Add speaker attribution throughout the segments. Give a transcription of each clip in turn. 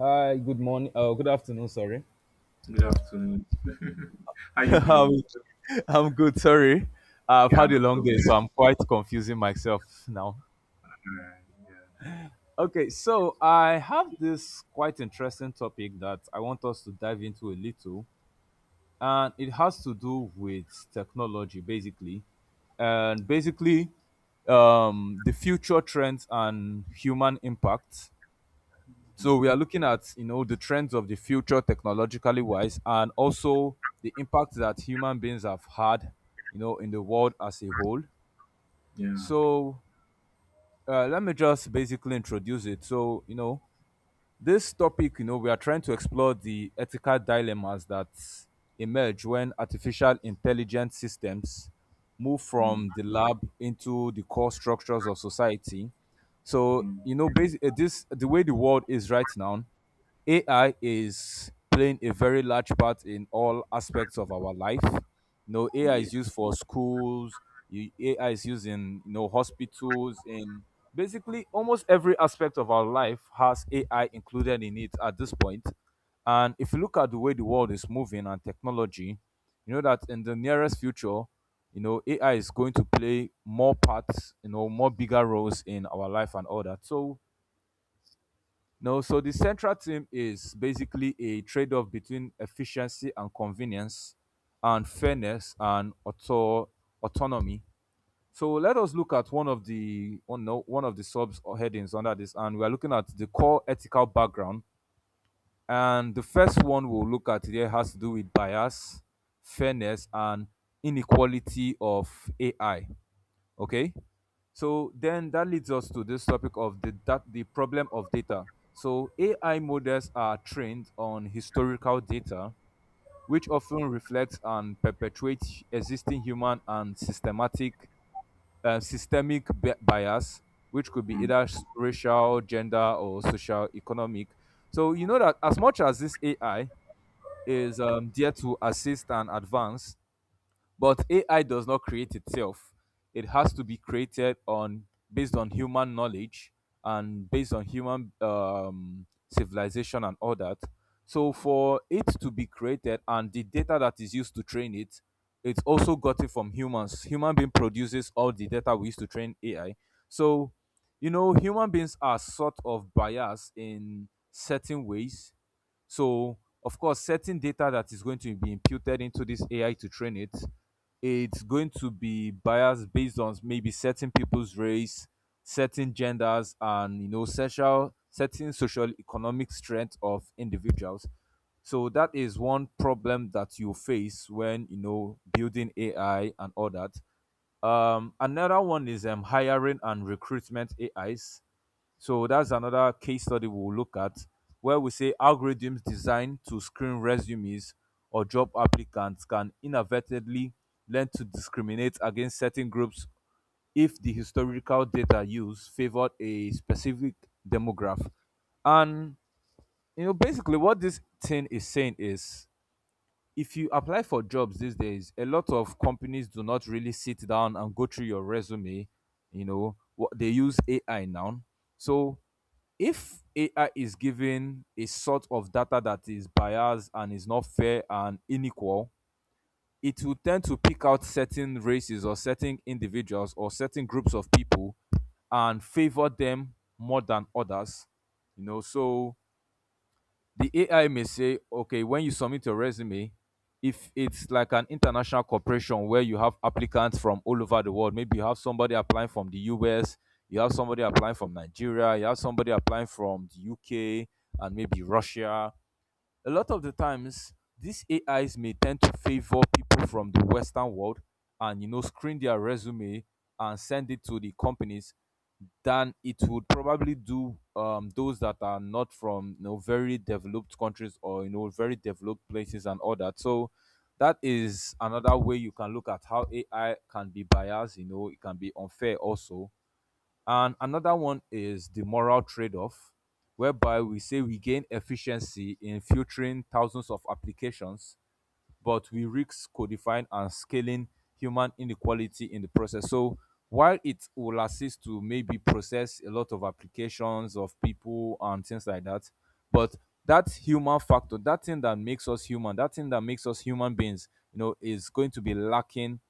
Speaker 1: Hi, good morning. Good afternoon, sorry.
Speaker 2: Good afternoon. How you
Speaker 1: How is
Speaker 2: doing?
Speaker 1: it? I'm good. Sorry, I've
Speaker 2: Yeah,
Speaker 1: had a
Speaker 2: no
Speaker 1: long day,
Speaker 2: problem.
Speaker 1: so I'm quite confusing myself now.
Speaker 2: Alright,
Speaker 1: Okay, so I have this quite interesting topic that I want us to dive into a little, and it has to do with technology, basically, and basically the future trends and human impact.
Speaker 2: yeah,
Speaker 1: So we are looking at the trends of the future technologically wise, and also the impact that human beings have had, you know, in the world as a whole.
Speaker 2: yeah,
Speaker 1: So let me just basically introduce it. So you know this topic, you know, we are trying to explore the ethical dilemmas that emerge when artificial intelligence systems move
Speaker 2: mm,
Speaker 1: from the lab into the core structures of society. So
Speaker 2: mm,
Speaker 1: you know, this the way the world is right now AI is playing a very large part in all aspects of our life. You know, AI
Speaker 2: yeah.
Speaker 1: is used for schools, AI is used in hospitals, in basically almost every aspect of our life has AI included in it at this point. And if you look at the way the world is moving and technology, you know that in the nearest future, you know, AI is going to play more parts, you know, more bigger roles in our life and all that. So no, so the central theme is basically a trade off between efficiency and convenience, and fairness and autonomy. So let us look at one of the oh no, one of the subs or headings under this, and we are looking at the core ethical background. And the first one we'll look at here has to do with bias, fairness, and inequality of AI. Okay, so then that leads us to this topic of the problem of data. So AI models are trained on historical data which often reflects and perpetuates existing human and systematic systemic bias, which could be
Speaker 2: mm.
Speaker 1: either racial, gender, or social economic. So you know that as much as this AI is there to assist and advance, but AI does not create itself. It has to be created on based on human knowledge and based on human civilization and all that. So for it to be created and the data that is used to train it, it's also got it from humans. Human being produces all the data we use to train AI. So you know, human beings are sort of biased in certain ways, so, of course, certain data that is going to be imputed into this AI to train it, it's going to be biased based on maybe certain people's race, certain genders, and you know, certain social economic strength of individuals. So that is one problem that you face when you know building AI and all that. Another one is hiring and recruitment AIs. So that's another case study we'll look at, where we say algorithms designed to screen resumes or job applicants can inadvertently learn to discriminate against certain groups if the historical data used favored a specific demographic. And you know, basically what this thing is saying is, if you apply for jobs these days, a lot of companies do not really sit down and go through your resume. You know, what they use AI now. So if AI is given a sort of data that is biased and is not fair and unequal, it will tend to pick out certain races or certain individuals or certain groups of people and favor them more than others. You know, so the AI may say, okay, when you submit your resume, if it's like an international corporation where you have applicants from all over the world, maybe you have somebody applying from the US, you have somebody applying from Nigeria, you have somebody applying from the UK and maybe Russia. A lot of the times, these AIs may tend to favor people from the Western world and you know screen their resume and send it to the companies than it would probably do those that are not from you know very developed countries or you know very developed places and all that. So that is another way you can look at how AI can be biased. You know, it can be unfair also. And another one is the moral trade-off, whereby we say we gain efficiency in filtering thousands of applications but we risk codifying and scaling human inequality in the process. So while it will assist to maybe process a lot of applications of people and things like that, but that human factor, that thing that makes us human, that thing that makes us human beings, you know, is going to be lacking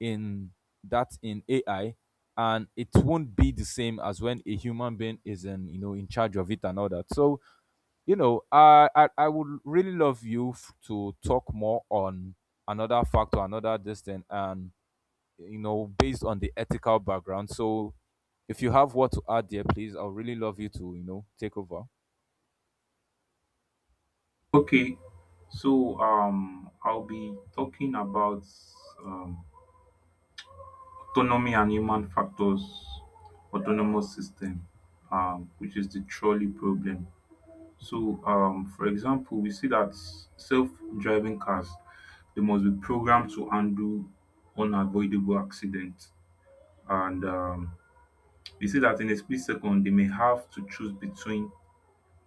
Speaker 1: in that in AI, and it won't be the same as when a human being is in you know in charge of it and all that. So you know, I would really love you to talk more on another factor, another distance, and you know, based on the ethical background. So, if you have what to add there, please, I would really love you to you know take over.
Speaker 2: Okay, so I'll be talking about um, autonomy and human factors, autonomous system, which is the trolley problem. So, for example, we see that self-driving cars they must be programmed to undo unavoidable accidents and we see that in a split second they may have to choose between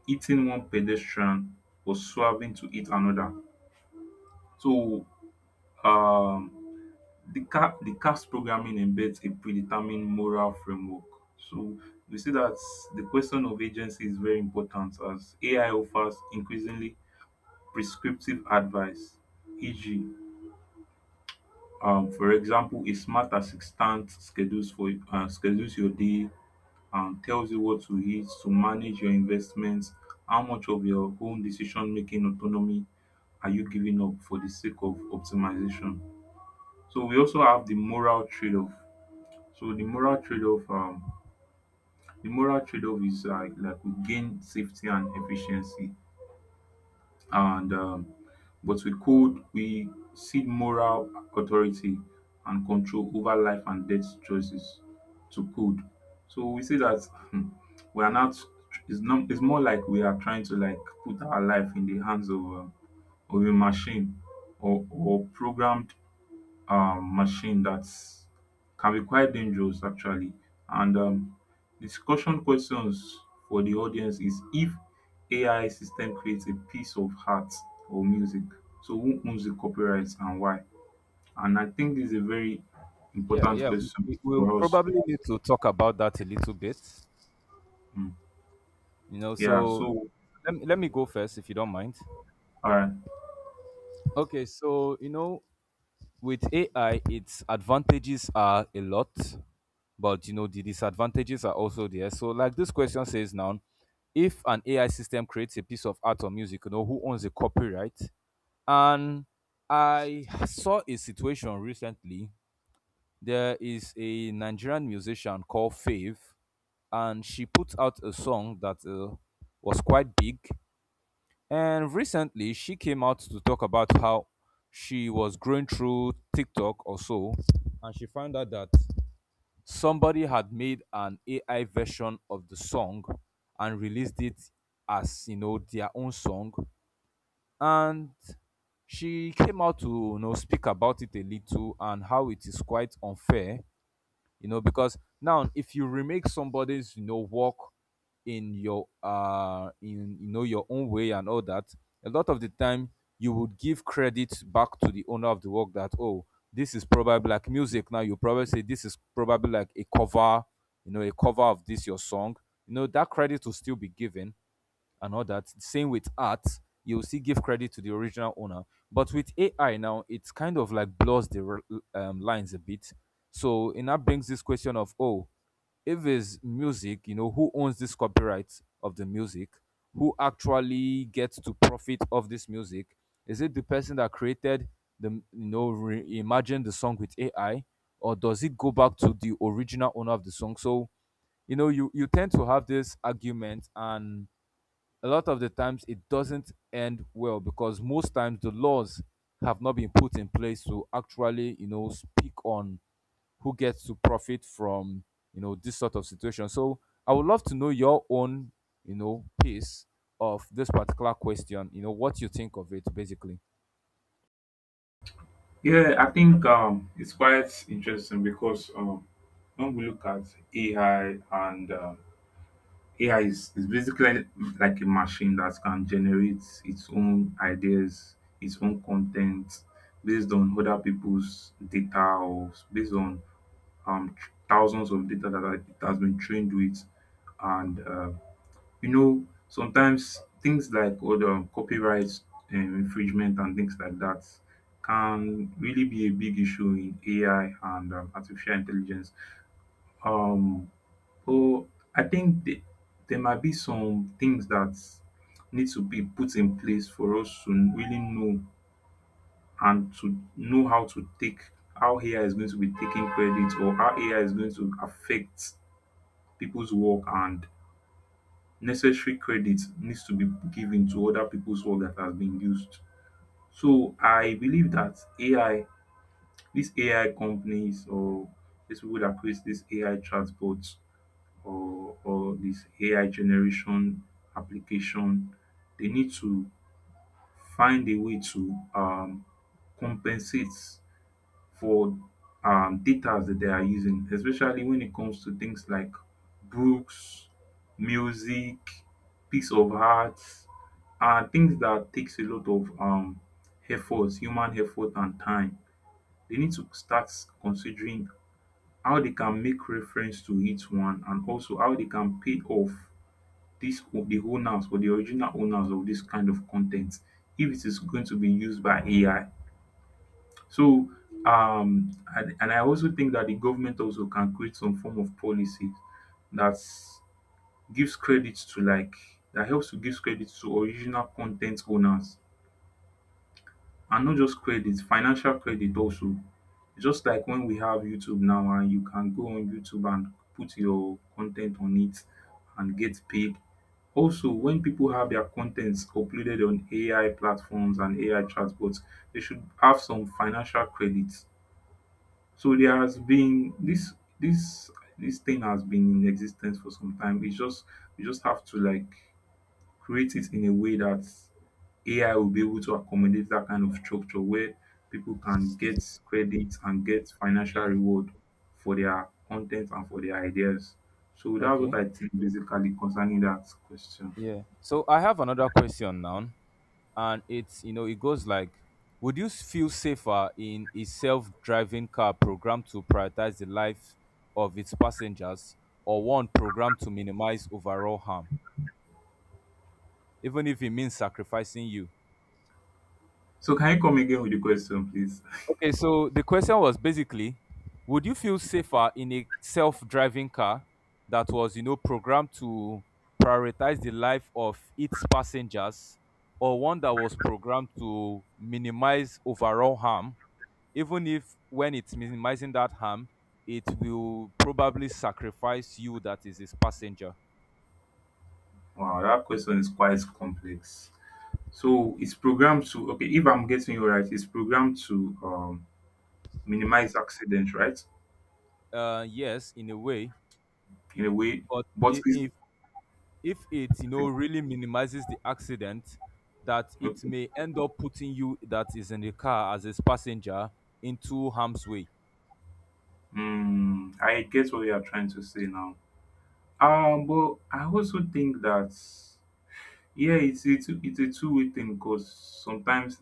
Speaker 2: eating one pedestrian or swerving to eat another. So um, the CAF's programming embeds a predetermined moral framework. So we see that the question of agency is very important as AI offers increasingly prescriptive advice, e.g., for example, a smart assistant schedules your day, tells you what to eat to manage your investments. How much of your own decision making autonomy are you giving up for the sake of optimization? So we also have the moral trade-off. So the moral trade-off, the moral trade-off is like we gain safety and efficiency, and but with code we see moral authority and control over life and death choices to code. So we see that hmm, we are not it's not, it's more like we are trying to like put our life in the hands of a machine, or programmed machine that can be quite dangerous actually. And discussion questions for the audience is: if AI system creates a piece of art or music, so who owns the copyrights and why? And I think this is a very
Speaker 1: Yeah,
Speaker 2: important
Speaker 1: yeah, we,
Speaker 2: question
Speaker 1: we- we'll
Speaker 2: for us.
Speaker 1: probably need to talk about that a little bit.
Speaker 2: Mm.
Speaker 1: You know,
Speaker 2: Yeah.
Speaker 1: so
Speaker 2: So,
Speaker 1: let me go first if you don't mind.
Speaker 2: all right.
Speaker 1: Okay, so you know, with AI, its advantages are a lot, but you know the disadvantages are also there. So, like this question says now, if an AI system creates a piece of art or music, you know who owns the copyright? And I saw a situation recently. There is a Nigerian musician called Fave, and she put out a song that was quite big, and recently, she came out to talk about how she was going through TikTok or so, and she found out that somebody had made an AI version of the song and released it as you know their own song. And she came out to you know speak about it a little and how it is quite unfair, you know, because now if you remake somebody's you know work in you know your own way and all that, a lot of the time you would give credit back to the owner of the work that oh, this is probably like music. Now you probably say this is probably like a cover, you know, a cover of this your song. You know that credit will still be given and all that. Same with art, you'll still give credit to the original owner. But with AI now, it's kind of like blurs the lines a bit. So and that brings this question of oh, if it's music, you know, who owns this copyright of the music? Who actually gets to profit of this music? Is it the person that created the you know reimagine the song with AI, or does it go back to the original owner of the song? So you know you tend to have this argument, and a lot of the times it doesn't end well because most times the laws have not been put in place to actually you know speak on who gets to profit from you know this sort of situation. So I would love to know your own you know piece of this particular question, you know, what you think of it basically.
Speaker 2: Yeah, I think it's quite interesting because when we look at AI and AI is basically like a machine that can generate its own ideas, its own content based on other people's data or based on um, thousands of data that it has been trained with. And you know, sometimes things like other copyright infringement and things like that can really be a big issue in AI and artificial intelligence. Um, well, I think there might be some things that need to be put in place for us to really know and to know how to take how AI is going to be taking credit, or how AI is going to affect people's work, and necessary credit needs to be given to other people's work that has been used. So I believe that AI, these AI companies, or these people that create these AI chatbots or this AI generation application, they need to find a way to compensate for data that they are using, especially when it comes to things like books, music, piece of art, things that takes a lot of effort, human effort and time. They need to start considering how they can make reference to each one, and also how they can pay off the owners or the original owners of this kind of content if it is going to be used by AI. So um and I also think that the government also can create some form of policy that gives credit to like that helps to give credit to original content owners, and not just credit, financial credit also. Just like when we have YouTube now and you can go on YouTube and put your content on it and get paid. Also, when people have their contents uploaded on AI platforms and AI chatbots, they should have some financial credits. So there has been this this thing has been in existence for some time. It's just we just have to like create it in a way that AI will be able to accommodate that kind of structure where people can get credit and get financial
Speaker 1: Yeah.
Speaker 2: reward for their content and for their ideas. So that's what
Speaker 1: Okay,
Speaker 2: I think basically concerning that question.
Speaker 1: yeah, so I have another question now, and it's you know it goes like, would you feel safer in a self-driving car programmed to prioritize the life of its passengers, or one programmed to minimize overall harm even if it means sacrificing you?
Speaker 2: So can you come again with the question, please?
Speaker 1: Okay, so the question was basically, would you feel safer in a self-driving car that was you know programmed to prioritize the life of its passengers, or one that was programmed to minimize overall harm, even if when it's minimizing that harm, it will probably sacrifice you, that is his passenger.
Speaker 2: Wow, that question is quite complex. So it's programmed to, okay, if I'm getting you right, it's programmed to minimize accidents, right?
Speaker 1: Yes, in a way,
Speaker 2: In a way,
Speaker 1: but
Speaker 2: but
Speaker 1: i-
Speaker 2: it's
Speaker 1: if if it you know really minimizes the accident, that it
Speaker 2: okay.
Speaker 1: may end up putting you that is in the car as his passenger into harm's way.
Speaker 2: Hmm. I get what you are trying to say now. But I also think that yeah, it's a two-way thing, because sometimes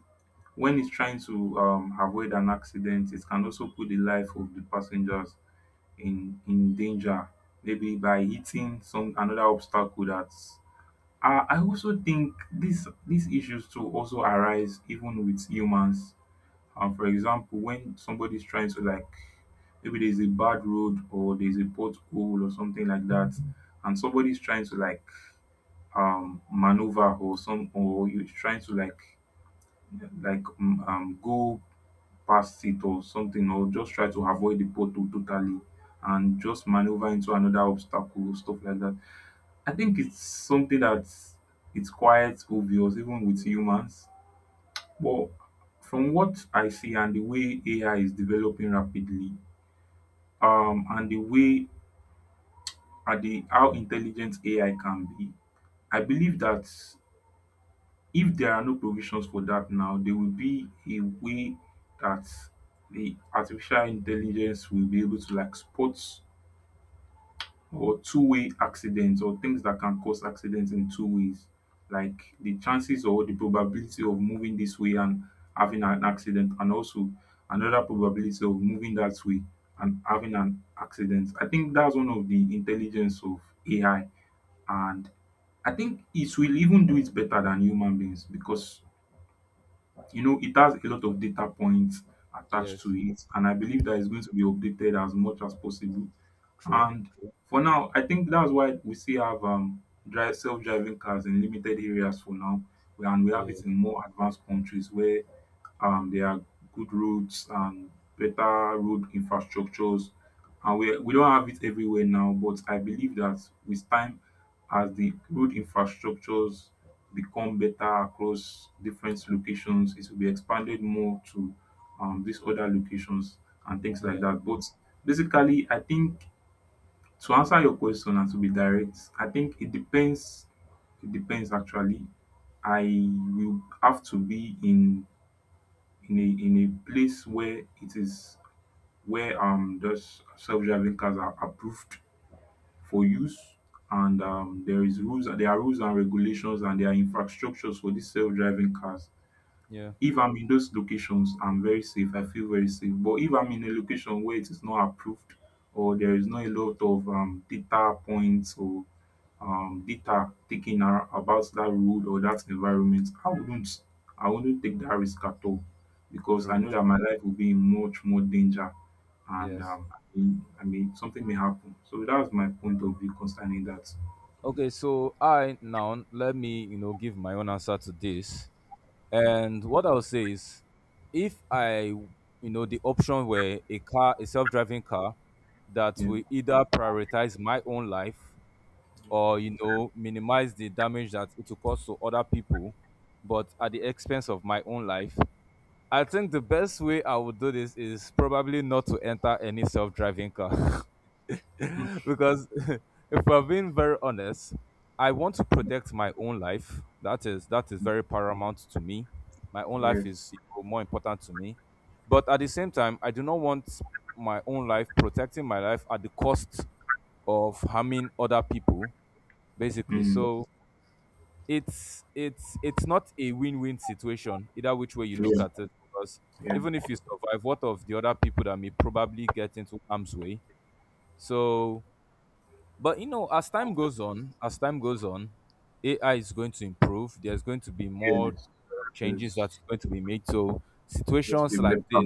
Speaker 2: when it's trying to avoid an accident, it can also put the life of the passengers in danger, maybe by hitting some another obstacle that I also think this these issues too also arise even with humans. For example, when somebody's trying to like, maybe there's a bad road or there's a pothole or something like that, and somebody's trying to like maneuver, or some, or you're trying to like go past it or something, or just try to avoid the pothole totally and just maneuver into another obstacle, stuff like that. I think it's something that it's quite obvious even with humans. But from what I see, and the way AI is developing rapidly, and the way at the how intelligent AI can be, I believe that if there are no provisions for that now, there will be a way that the artificial intelligence will be able to like spot or two-way accidents or things that can cause accidents in two ways, like the chances or the probability of moving this way and having an accident, and also another probability of moving that way and having an accident. I think that's one of the intelligence of AI. And I think it will even do it better than human beings, because you know it has a lot of data points attached
Speaker 1: Yes,
Speaker 2: to it, and I believe that it's going to be updated as much as possible.
Speaker 1: true.
Speaker 2: And
Speaker 1: True.
Speaker 2: for now, I think that's why we still have drive self-driving cars in limited areas for now, and we have
Speaker 1: Yeah,
Speaker 2: it in more advanced countries where there are good roads and better road infrastructures, and we don't have it everywhere now, but I believe that with time, as the road infrastructures become better across different locations, it will be expanded more to these other locations and things like
Speaker 1: yeah,
Speaker 2: that. But basically I think, to answer your question and to be direct, I think it depends. It depends actually. I will have to be in in a place where it is, where those self-driving cars are approved for use, and there are rules and regulations, and there are infrastructures for these self-driving cars.
Speaker 1: yeah.
Speaker 2: If I'm in those locations, I'm very safe, I feel very safe. But if I'm in a location where it is not approved, or there is not a lot of data points, or data taken about that road or that environment, I wouldn't take that risk at all, because I
Speaker 1: True,
Speaker 2: know
Speaker 1: true.
Speaker 2: that my life will be in much more danger. And
Speaker 1: Yes.
Speaker 2: I mean something may happen. So that's my point of view concerning that.
Speaker 1: Okay, so I now let me you know give my own answer to this. And what I'll say is, if I, you know, the option were a car, a self-driving car, that
Speaker 2: Yeah,
Speaker 1: will either prioritize my own life or you know minimize the damage that it will cause to other people, but at the expense of my own life. I think the best way I would do this is probably not to enter any self-driving car.
Speaker 2: yeah,
Speaker 1: Because if we're being very honest, I want to protect my own life. That is very paramount to me. My own
Speaker 2: yeah, yeah.
Speaker 1: life is you know more important to me. But at the same time, I do not want my own life protecting my life at the cost of harming other people, basically.
Speaker 2: Mm.
Speaker 1: So it's not a win-win situation either which way you
Speaker 2: Yeah.
Speaker 1: look at it. Because
Speaker 2: Yeah.
Speaker 1: even if you survive, what of the other people that may probably get into harm's way? So but you know, as time goes on, as time goes on, AI is going to improve. There's going to be
Speaker 2: Yeah.
Speaker 1: more changes
Speaker 2: Yes,
Speaker 1: that's going to be made. So
Speaker 2: that
Speaker 1: situations
Speaker 2: will be
Speaker 1: like
Speaker 2: better.
Speaker 1: this,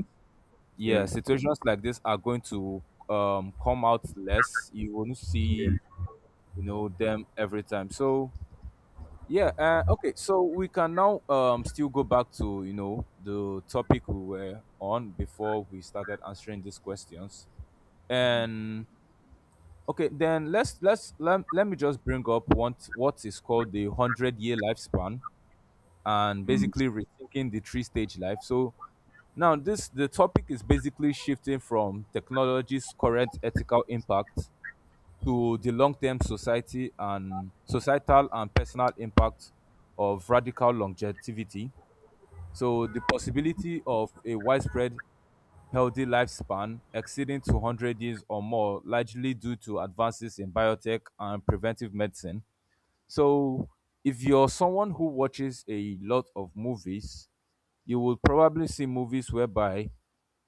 Speaker 1: yeah,
Speaker 2: Yeah,
Speaker 1: situations like this are going to come out less. You won't
Speaker 2: yeah.
Speaker 1: see, you know, them every time. So yeah, okay. So we can now still go back to you know the topic we were on before we started answering these questions.
Speaker 2: Mm,
Speaker 1: And okay, then let me just bring up what is called the hundred-year lifespan and
Speaker 2: mm.
Speaker 1: basically rethinking the three stage life. So now this the topic is basically shifting from technology's current ethical impact to the long term society and societal and personal impact of radical longevity. So the possibility of a widespread healthy lifespan exceeding 200 years or more, largely due to advances in biotech and preventive medicine. So if you're someone who watches a lot of movies, you will probably see movies whereby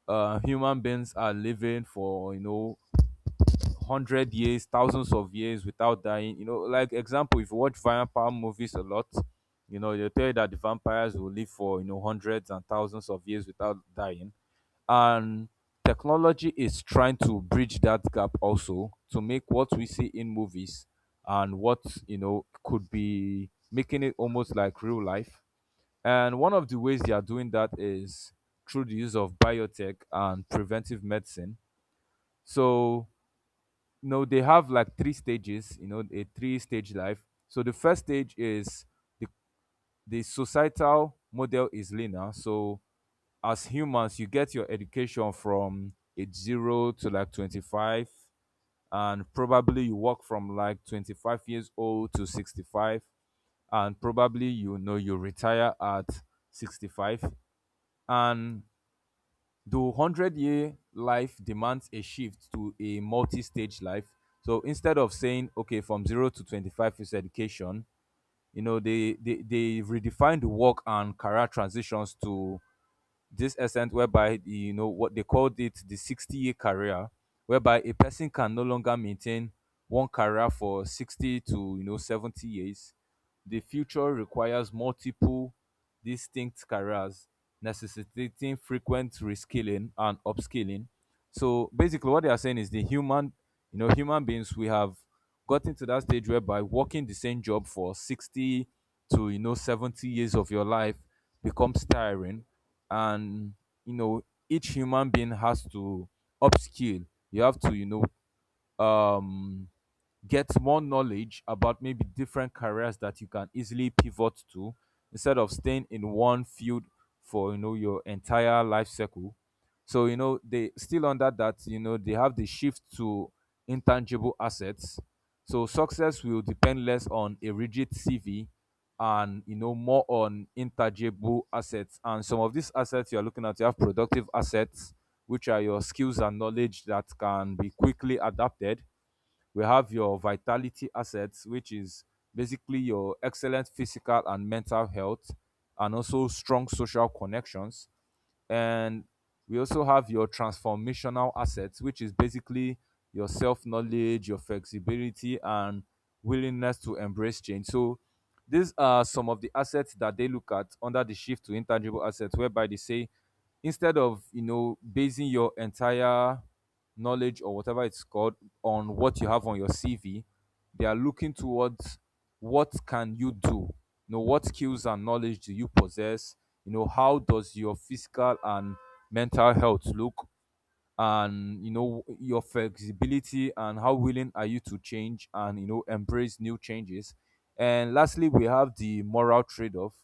Speaker 1: human beings are living for you know hundred years, thousands of years without dying. You know, like example, if you watch vampire movies a lot, you know, they tell you that the vampires will live for you know hundreds and thousands of years without dying, and technology is trying to bridge that gap also to make what we see in movies and what you know could be making it almost like real life. And one of the ways they are doing that is through the use of biotech and preventive medicine. So no, they have like three stages, you know, a three stage life. So the first stage is the, the societal model is linear. So as humans, you get your education from age zero to like 25, and probably you work from like 25 years old to 65, and probably you know you retire at 65. And though 100-year life demands a shift to a multi stage life. So instead of saying, okay, from zero to 25 is education, you know, they redefined the work and career transitions to this essence whereby the, you know what they called it the 60-year career whereby a person can no longer maintain one career for 60 to you know 70 years. The future requires multiple distinct careers, necessitating frequent reskilling and upskilling. So basically what they are saying is the human, you know, human beings, we have gotten to that stage whereby working the same job for 60 to you know 70 years of your life becomes tiring, and you know each human being has to upskill. You have to you know um get more knowledge about maybe different careers that you can easily pivot to instead of staying in one field for you know your entire life cycle. So you know they still under that, you know, they have the shift to intangible assets. So success will depend less on a rigid CV and you know more on intangible assets. And some of these assets you are looking at, you have productive assets, which are your skills and knowledge that can be quickly adapted. We have your vitality assets, which is basically your excellent physical and mental health, and also strong social connections. And we also have your transformational assets, which is basically your self-knowledge, your flexibility and willingness to embrace change. So these are some of the assets that they look at under the shift to intangible assets, whereby they say instead of you know basing your entire knowledge or whatever it's called on what you have on your CV. They are looking towards what can you do? You know, what skills and knowledge do you possess? You know, how does your physical and mental health look? And you know, your flexibility and how willing are you to change and you know embrace new changes? And lastly, we have the moral trade-off,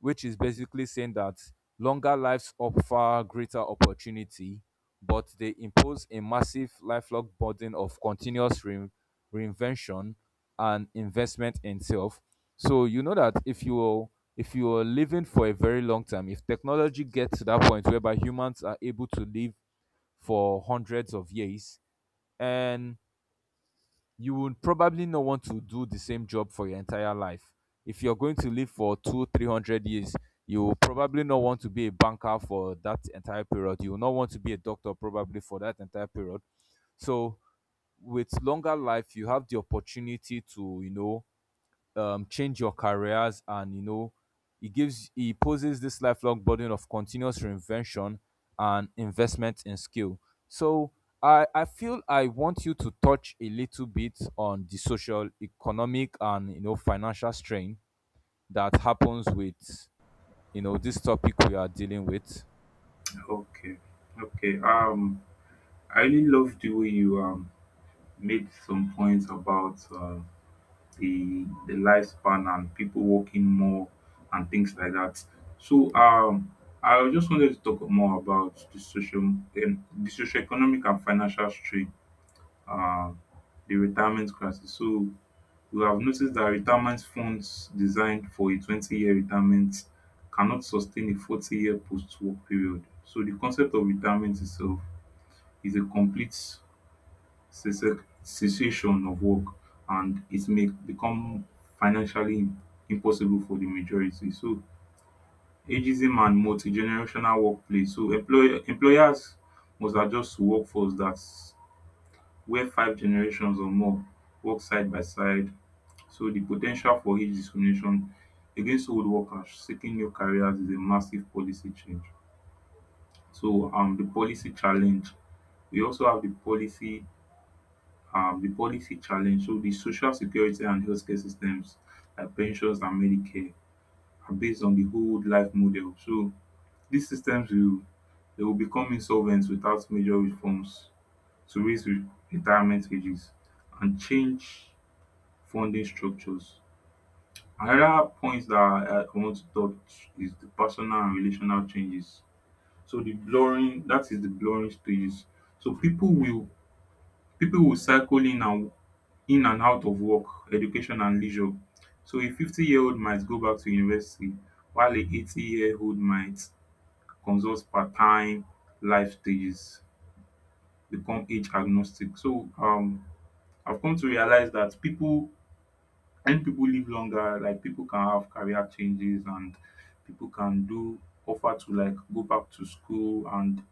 Speaker 1: which is basically saying that longer lives offer greater opportunity, but they impose a massive lifelong burden of continuous reinvention and investment in self. So you know that if you, if you are living for a very long time, if technology gets to that point whereby humans are able to live for hundreds of years, and you would probably not want to do the same job for your entire life. If you're going to live for two, 300 years, you will probably not want to be a banker for that entire period. You will not want to be a doctor probably for that entire period. So with longer life, you have the opportunity to, you know, change your careers and you know he gives, he poses this lifelong burden of continuous reinvention and investment in skill. So I feel I want you to touch a little bit on the social economic and you know financial strain that happens with you know this topic we are dealing with.
Speaker 2: Okay, okay. I really love the way you made some points about the lifespan and people working more and things like that. So I just wanted to talk more about the social, the socioeconomic and financial strain, uh the retirement crisis. So you have noticed that retirement funds designed for a 20-year retirement cannot sustain a 40-year post-work period. So the concept of retirement itself is a complete cessation of work, and it may become financially impossible for the majority. So ageism and multi-generational workplace. So employers must adjust to workforce that's where five generations or more work side by side. So the potential for age discrimination against old workers seeking new careers is a massive policy change. So the policy challenge we also have the policy, the policy challenge. So the social security and healthcare systems, like pensions and Medicare, are based on the old life model. So these systems will, they will become insolvent without major reforms to raise retirement ages and change funding structures. Another point that I want to touch is the personal and relational changes. So the blurring, that is the blurring stages. So people will cycle in and out of work, education and leisure. So a 50-year-old might go back to university, while a 80-year-old might consult part time. Life stages become age agnostic. So I've come to realize that people, when people live longer, like people can have career changes, and people can do offer to like go back to school and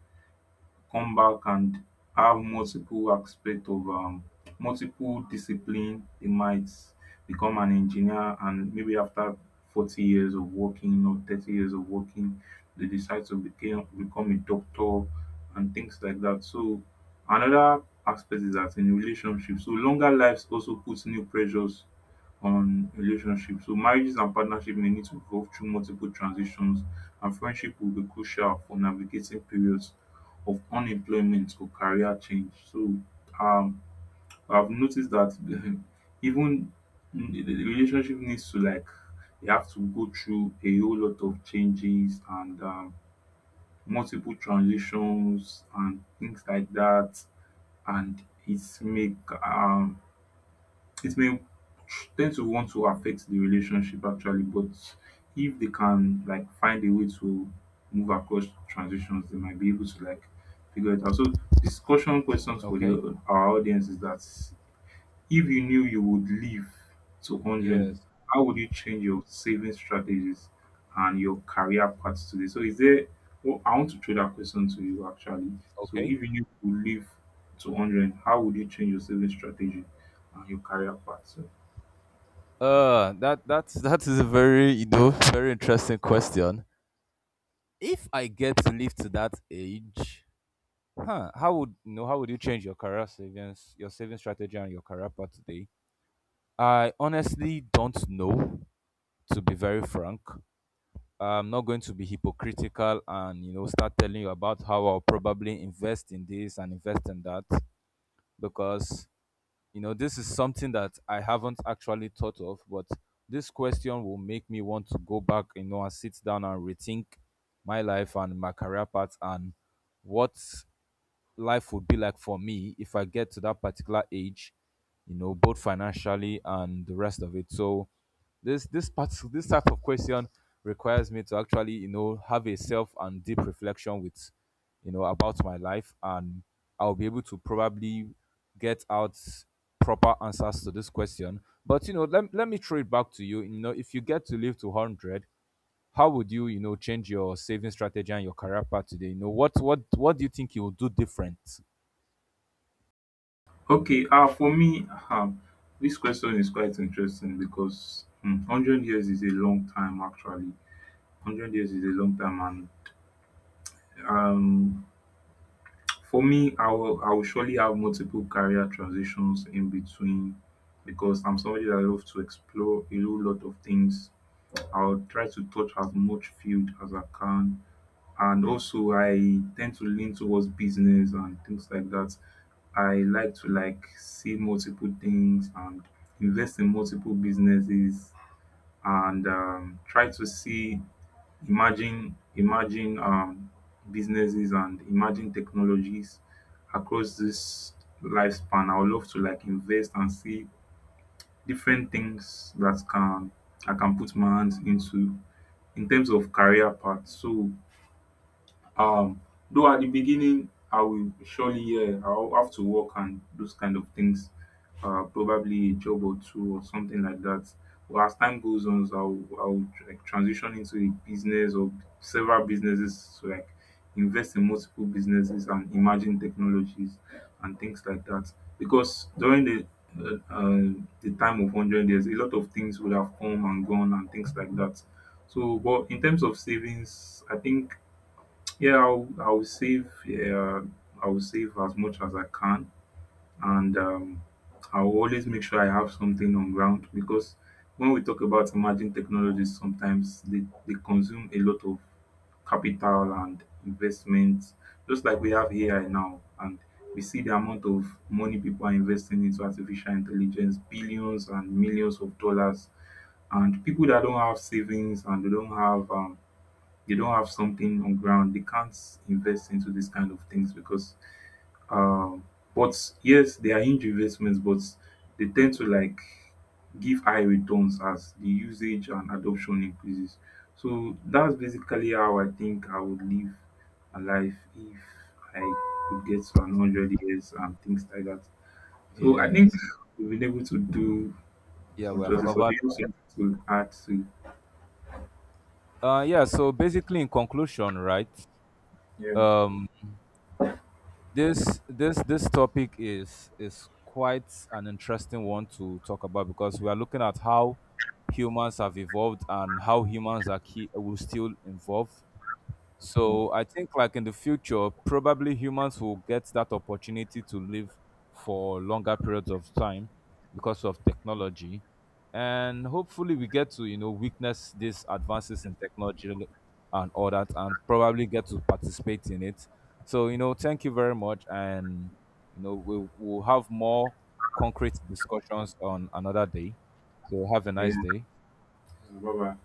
Speaker 2: come back, and have multiple aspect of multiple discipline. They might become an engineer, and maybe after 40 years of working or 30 years of working, they decide to become a doctor and things like that. So another aspect is that in relationships. So longer lives also puts new pressures on relationships. So marriages and partnership may need to go through multiple transitions, and friendship will be crucial for navigating periods of unemployment or career change. So um I've noticed that even the relationship needs to like, they have to go through a whole lot of changes and multiple transitions and things like that, and it's make um it may tend to want to affect the relationship actually. But if they can like find a way to move across transitions, they might be able to like figure it out. So discussion questions for
Speaker 1: Okay,
Speaker 2: the our audience is that, if you knew you would live to 100,
Speaker 1: yes,
Speaker 2: how would you change your saving strategies and your career path today? So, is there, well, I want to throw that question to you actually. So,
Speaker 1: okay.
Speaker 2: if you knew you would live to 100, how would you change your saving strategy and your career path? So,
Speaker 1: That that's that is a very you know very interesting question. If I get to live to that age, huh. How would you know, how would you change your career savings, your saving strategy and your career path today? I honestly don't know, to be very frank. I'm not going to be hypocritical and you know start telling you about how I'll probably invest in this and invest in that because you know this is something that I haven't actually thought of, but this question will make me want to go back, you know, and sit down and rethink my life and my career path and what life would be like for me if I get to that particular age, you know, both financially and the rest of it. So this part this type of question requires me to actually, you know, have a self and deep reflection with, you know, about my life and I'll be able to probably get out proper answers to this question. But you know, let me throw it back to you. You know, if you get to live to 100, how would you, you know, change your saving strategy and your career path today? You know, what do you think you will do different?
Speaker 2: okay, for me, this question is quite interesting because 100 years is a long time actually. 100 years is a long time, and for me, I will surely have multiple career transitions in between, because I'm somebody that loves to explore a whole lot of things. I'll try to touch as much field as I can. And also I tend to lean towards business and things like that. I like to like see multiple things and invest in multiple businesses, and try to see, imagine businesses and imagine technologies across this lifespan. I would love to like invest and see different things that can, I can put my hands into in terms of career path. So um, though at the beginning, I will surely, yeah, I'll have to work and those kind of things, probably a job or two or something like that. But as time goes on, I'll like transition into a business or several businesses, to like invest in multiple businesses and emerging technologies and things like that. Because during uh, uh, the time of 100 years, a lot of things would have come and gone and things like that. So, but in terms of savings, I think yeah, I'll save. Yeah, I'll save as much as I can, and I'll always make sure I have something on ground, because when we talk about emerging technologies, sometimes they consume a lot of capital and investments. Just like we have AI now, and we see the amount of money people are investing into artificial intelligence, billions and millions of dollars, and people that don't have savings and they don't have something on ground, they can't invest into these kind of things because um but yes, they are huge investments, but they tend to like give high returns as the usage and adoption increases. So that's basically how I think I would live a life if I could get to an hundred years and things like that. So I think
Speaker 1: Yes.
Speaker 2: we've been able to do
Speaker 1: Yeah,
Speaker 2: some
Speaker 1: we have
Speaker 2: justice. So do
Speaker 1: covered.
Speaker 2: you have something to add to?
Speaker 1: Yeah. So basically, in conclusion, right?
Speaker 2: Yeah,
Speaker 1: Um, this this topic is quite an interesting one to talk about because we are looking at how humans have evolved and how humans are key will still evolve. So I think like in the future, probably humans will get that opportunity to live for longer periods of time because of technology. And hopefully we get to, you know, witness these advances in technology and all that and probably get to participate in it. So, you know, thank you very much. And, you know, we'll have more concrete discussions on another day. So have a
Speaker 2: yeah.
Speaker 1: nice day.
Speaker 2: Bye bye.